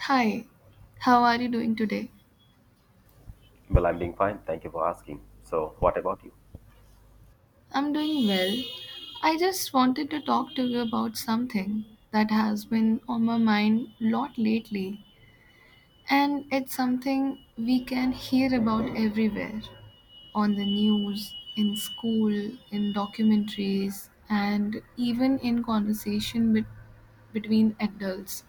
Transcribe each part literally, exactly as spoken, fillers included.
Hi, how are you doing today? Well, I'm doing fine. Thank you for asking. So, what about you? I'm doing well. I just wanted to talk to you about something that has been on my mind a lot lately, and it's something we can hear about everywhere on the news, in school, in documentaries, and even in conversation bet- between adults,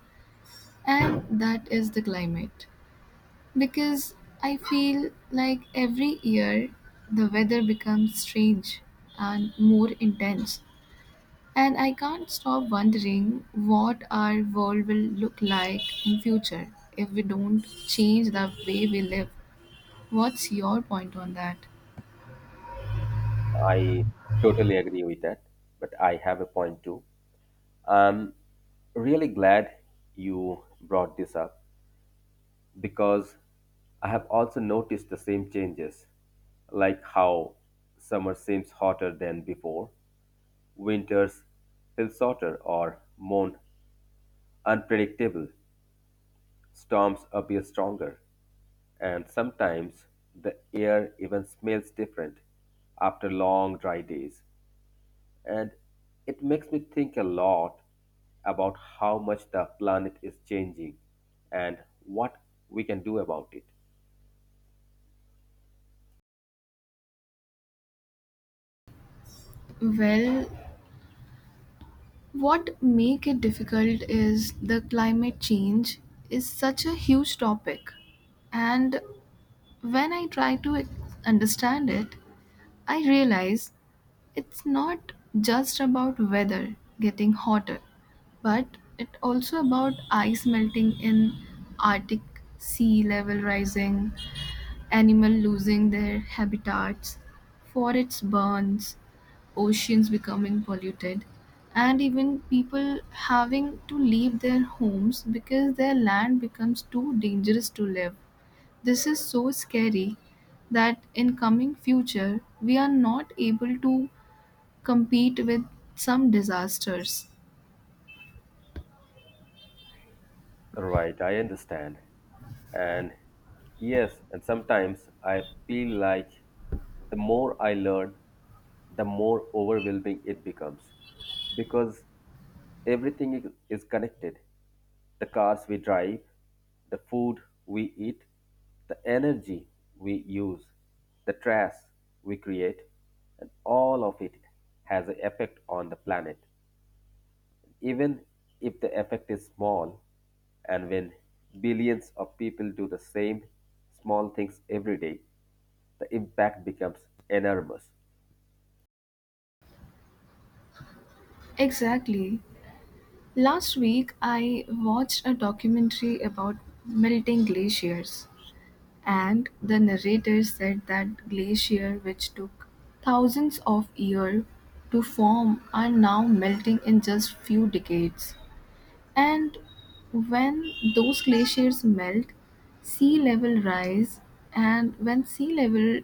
and that is the climate. Because I feel like every year the weather becomes strange and more intense. And I can't stop wondering what our world will look like in future if we don't change the way we live. What's your point on that? I totally agree with that, but I have a point too. I'm really glad you brought this up because I have also noticed the same changes, like how summer seems hotter than before, winters feel shorter or more unpredictable, storms appear stronger, and sometimes the air even smells different after long dry days, and it makes me think a lot about how much the planet is changing and what we can do about it. Well, what make it difficult is the climate change is such a huge topic. And when I try to understand it, I realize it's not just about weather getting hotter, but it also about ice melting in Arctic, sea level rising, animal losing their habitats, forests burns, oceans becoming polluted, and even people having to leave their homes because their land becomes too dangerous to live. This is so scary that in coming future we are not able to compete with some disasters. Right, I understand. And yes, and sometimes I feel like the more I learn, the more overwhelming it becomes, because everything is is connected. The cars we drive, the food we eat, the energy we use, the trash we create, and all of it has an effect on the planet. Even if the effect is small, and when billions of people do the same small things every day, the impact becomes enormous. Exactly. Last week, I watched a documentary about melting glaciers, and the narrator said that glacier, which took thousands of years to form, are now melting in just few decades. And when those glaciers melt, sea level rise, and when sea level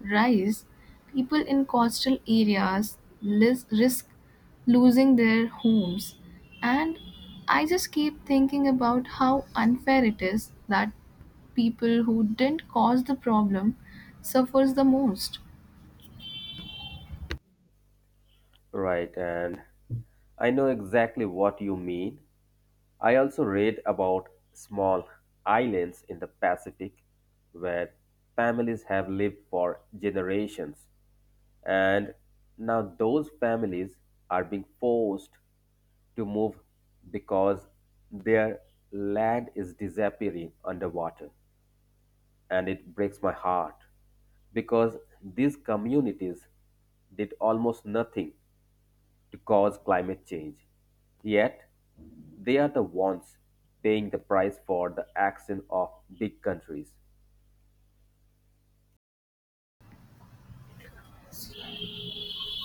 rise, people in coastal areas lis- risk losing their homes. And I just keep thinking about how unfair it is that people who didn't cause the problem suffers the most. Right, and I know exactly what you mean. I also read about small islands in the Pacific where families have lived for generations, and now those families are being forced to move because their land is disappearing underwater, and it breaks my heart because these communities did almost nothing to cause climate change. Yet, they are the ones paying the price for the action of big countries.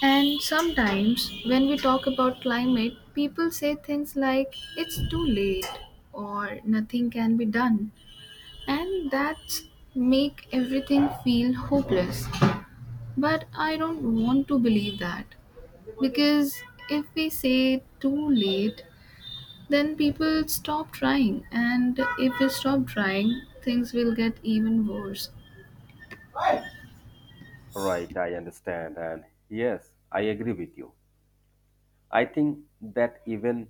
And sometimes, when we talk about climate, people say things like it's too late or nothing can be done, and that make everything feel hopeless. But I don't want to believe that because if we say too late, then people stop trying, and if we stop trying, things will get even worse. Right, I understand. And yes, I agree with you. I think that even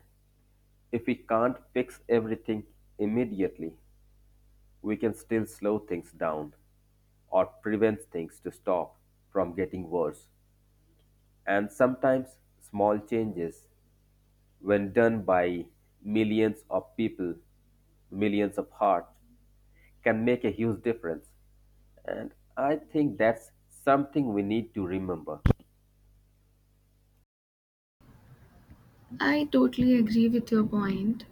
if we can't fix everything immediately, we can still slow things down or prevent things to stop from getting worse. And sometimes small changes, when done by millions of people, millions of hearts, can make a huge difference. And I think that's something we need to remember. I totally agree with your point.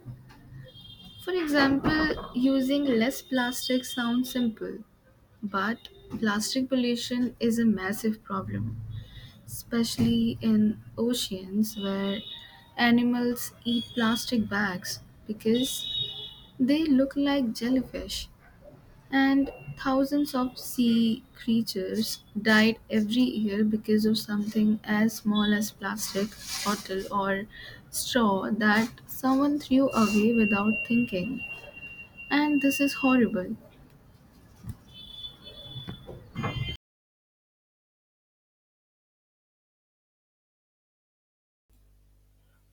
For example, using less plastic sounds simple, but plastic pollution is a massive problem, especially in oceans where animals eat plastic bags because they look like jellyfish. And thousands of sea creatures died every year because of something as small as plastic, bottle, or straw that someone threw away without thinking. And this is horrible.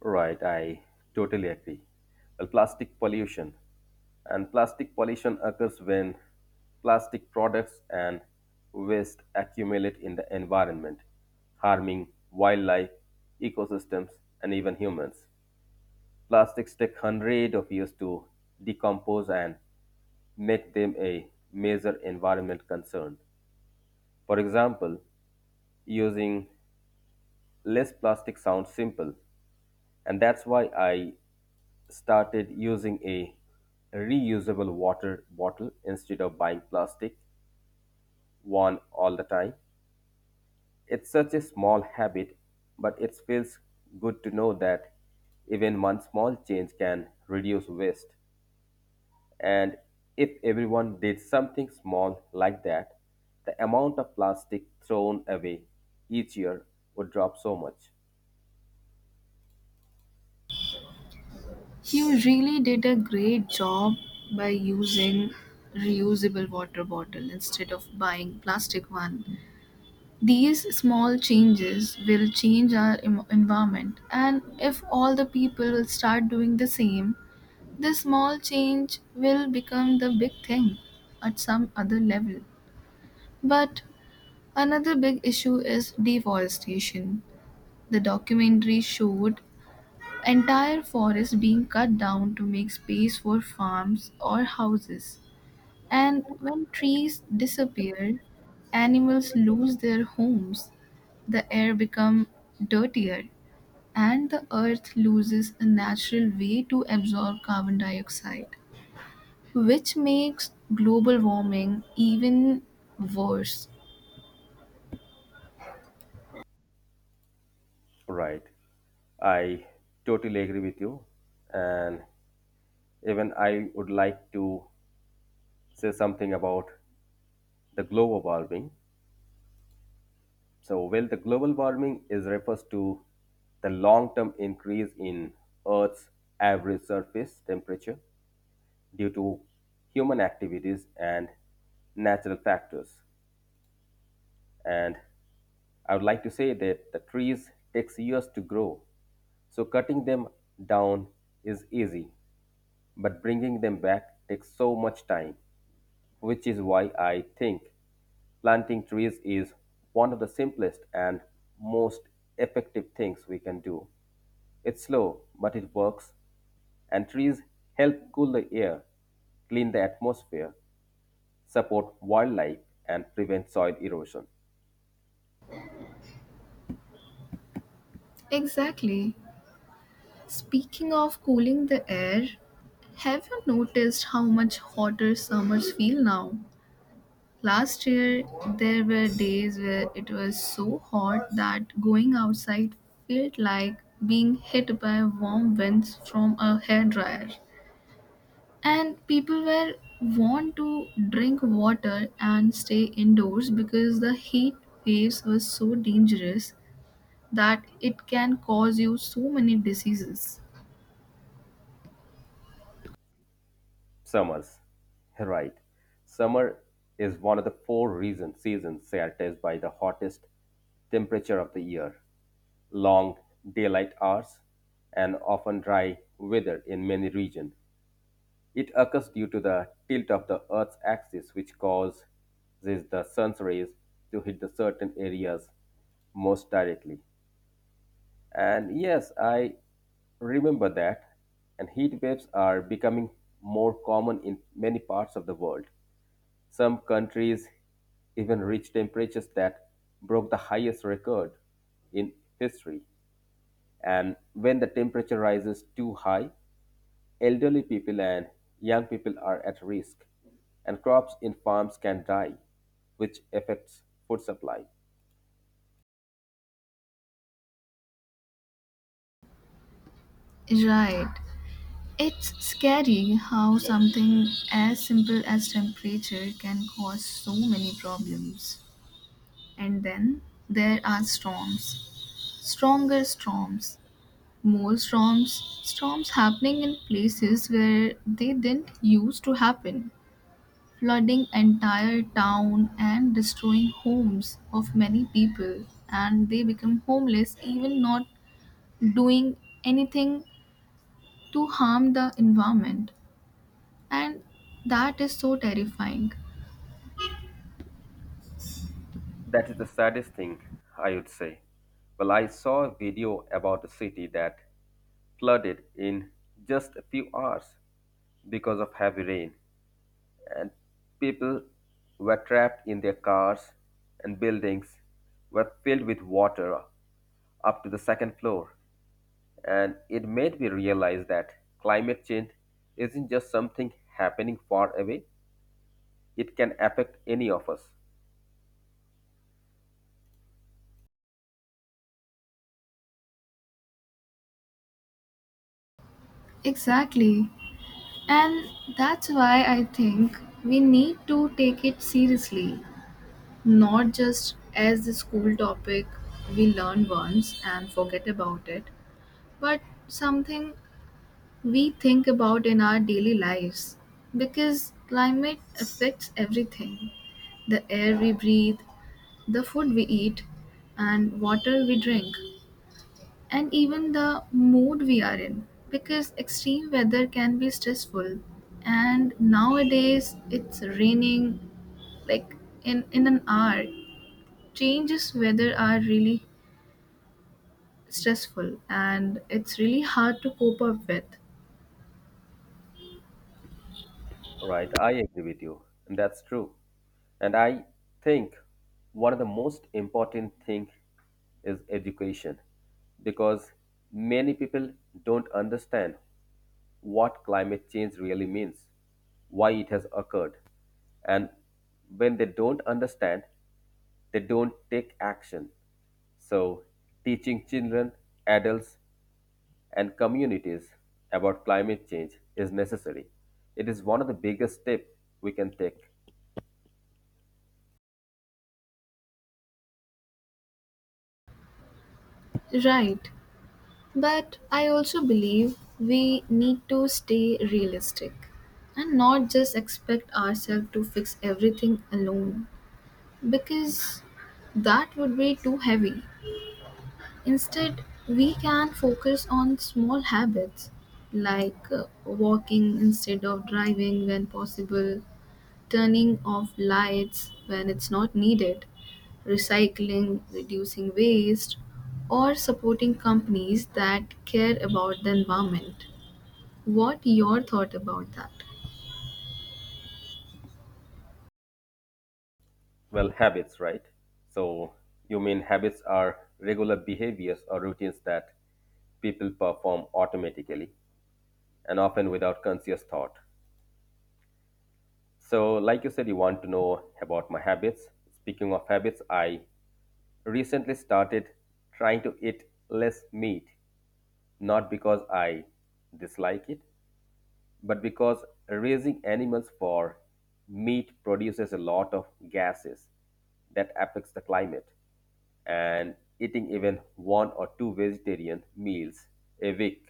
Right, I totally agree. Well, plastic pollution. And plastic pollution occurs when plastic products and waste accumulate in the environment, harming wildlife, ecosystems, and even humans. Plastics take hundreds of years to decompose and make them a major environment concern. For example, using less plastic sounds simple, and that's why I started using a reusable water bottle instead of buying plastic one all the time. It's such a small habit, but it feels good to know that even one small change can reduce waste, and if everyone did something small like that, the amount of plastic thrown away each year would drop so much. You really did a great job by using reusable water bottle instead of buying plastic one. These small changes will change our em- environment, and if all the people will start doing the same, this small change will become the big thing at some other level. But another big issue is deforestation. The documentary showed entire forest being cut down to make space for farms or houses. And when trees disappear, animals lose their homes, the air becomes dirtier, and the earth loses a natural way to absorb carbon dioxide, which makes global warming even worse. Right. I totally agree with you. And even I would like to say something about the global warming. So, well, the global warming is refers to the long-term increase in Earth's average surface temperature due to human activities and natural factors. And I would like to say that the trees takes years to grow, so cutting them down is easy but bringing them back takes so much time, which is why I think planting trees is one of the simplest and most effective things we can do. It's slow, but it works, and trees help cool the air, clean the atmosphere, support wildlife, and prevent soil erosion. Exactly. Speaking of cooling the air, have you noticed how much hotter summers feel now? Last year, there were days where it was so hot that going outside felt like being hit by warm winds from a hairdryer. And people were warned to drink water and stay indoors because the heat waves were so dangerous that it can cause you so many diseases. Summers, right. Summer is one of the four reason seasons characterized by the hottest temperature of the year, long daylight hours, and often dry weather in many regions. It occurs due to the tilt of the Earth's axis, which causes the sun's rays to hit the certain areas most directly. And yes, I remember that. And heat waves are becoming more common in many parts of the world. Some countries even reach temperatures that broke the highest record in history. And when the temperature rises too high, elderly people and young people are at risk, and crops in farms can die, which affects food supply. Right. It's scary how something as simple as temperature can cause so many problems. And then there are storms, stronger storms, more storms, storms happening in places where they didn't used to happen, flooding entire town and destroying homes of many people. And they become homeless, even not doing anything to harm the environment. And that is so terrifying. That is the saddest thing, I would say. Well, I saw a video about a city that flooded in just a few hours because of heavy rain, and people were trapped in their cars, and buildings were filled with water up to the second floor. And it made me realize that climate change isn't just something happening far away, it can affect any of us. Exactly. And that's why I think we need to take it seriously. Not just as the school topic we learn once and forget about it, but something we think about in our daily lives. Because climate affects everything, the air we breathe, the food we eat, and water we drink, and even the mood we are in. Because extreme weather can be stressful, and nowadays it's raining like in, in an hour. Changes weather are really stressful and it's really hard to cope up with. Right, I agree with you. And that's true. And I think one of the most important thing is education because many people don't understand what climate change really means, why it has occurred. And when they don't understand, they don't take action. So, teaching children, adults, and communities about climate change is necessary. It is one of the biggest steps we can take. Right. But I also believe we need to stay realistic and not just expect ourselves to fix everything alone because that would be too heavy. Instead, we can focus on small habits like uh, walking instead of driving when possible, turning off lights when it's not needed, recycling, reducing waste, or supporting companies that care about the environment. What your thought about that? Well, habits, right? So, you mean habits are regular behaviors or routines that people perform automatically and often without conscious thought. So, like you said, you want to know about my habits. Speaking of habits, I recently started trying to eat less meat, not because I dislike it, but because raising animals for meat produces a lot of gases that affects the climate, and eating even one or two vegetarian meals a week,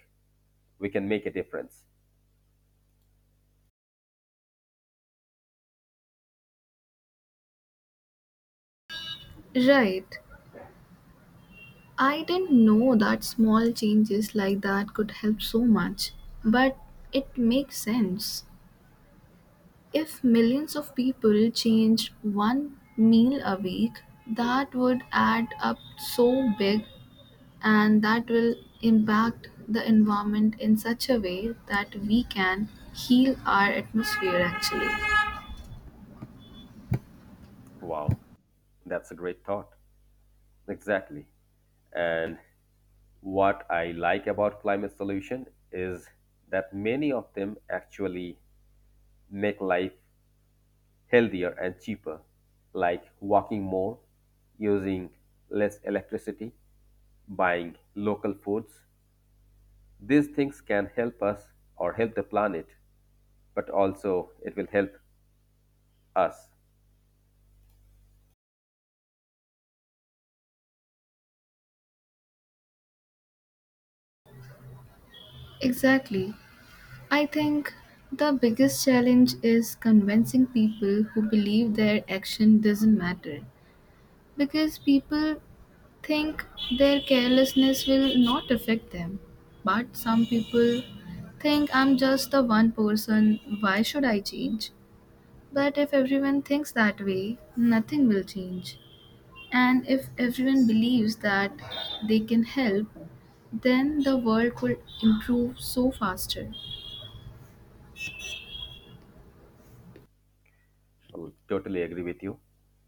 we can make a difference. Right. I didn't know that small changes like that could help so much, but it makes sense. If millions of people change one meal a week, that would add up so big and that will impact the environment in such a way that we can heal our atmosphere actually. Wow, that's a great thought. Exactly. And what I like about climate solution is that many of them actually make life healthier and cheaper, like walking more, using less electricity, buying local foods. These things can help us or help the planet, but also it will help us. Exactly. I think the biggest challenge is convincing people who believe their action doesn't matter because people think their carelessness will not affect them. But some people think I'm just the one person, why should I change? But if everyone thinks that way, nothing will change. And if everyone believes that they can help, then the world could improve so faster. I totally agree with you.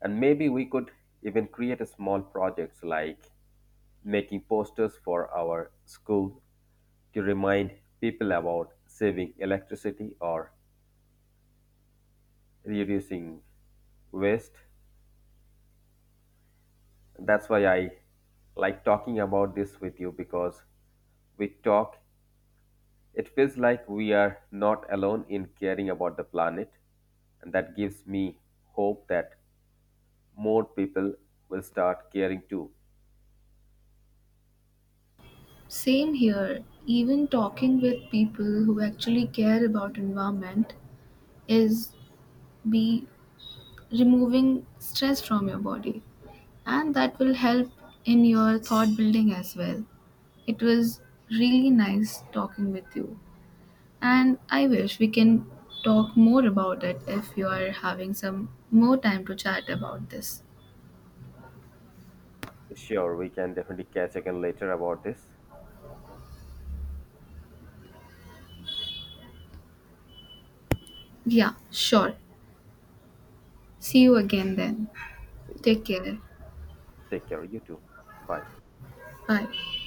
And maybe we could even create a small projects like making posters for our school to remind people about saving electricity or reducing waste. That's why I like talking about this with you, because we talk, it feels like we are not alone in caring about the planet. And that gives me hope that more people will start caring too. Same here, even talking with people who actually care about environment is be removing stress from your body, and that will help in your thought building as well. It was really nice talking with you, and I wish we can talk more about it if you are having some more time to chat about this. Sure, we can definitely catch again later about this. Yeah, sure. See you again then. See you. Take care. Take care. You too. Bye. Bye.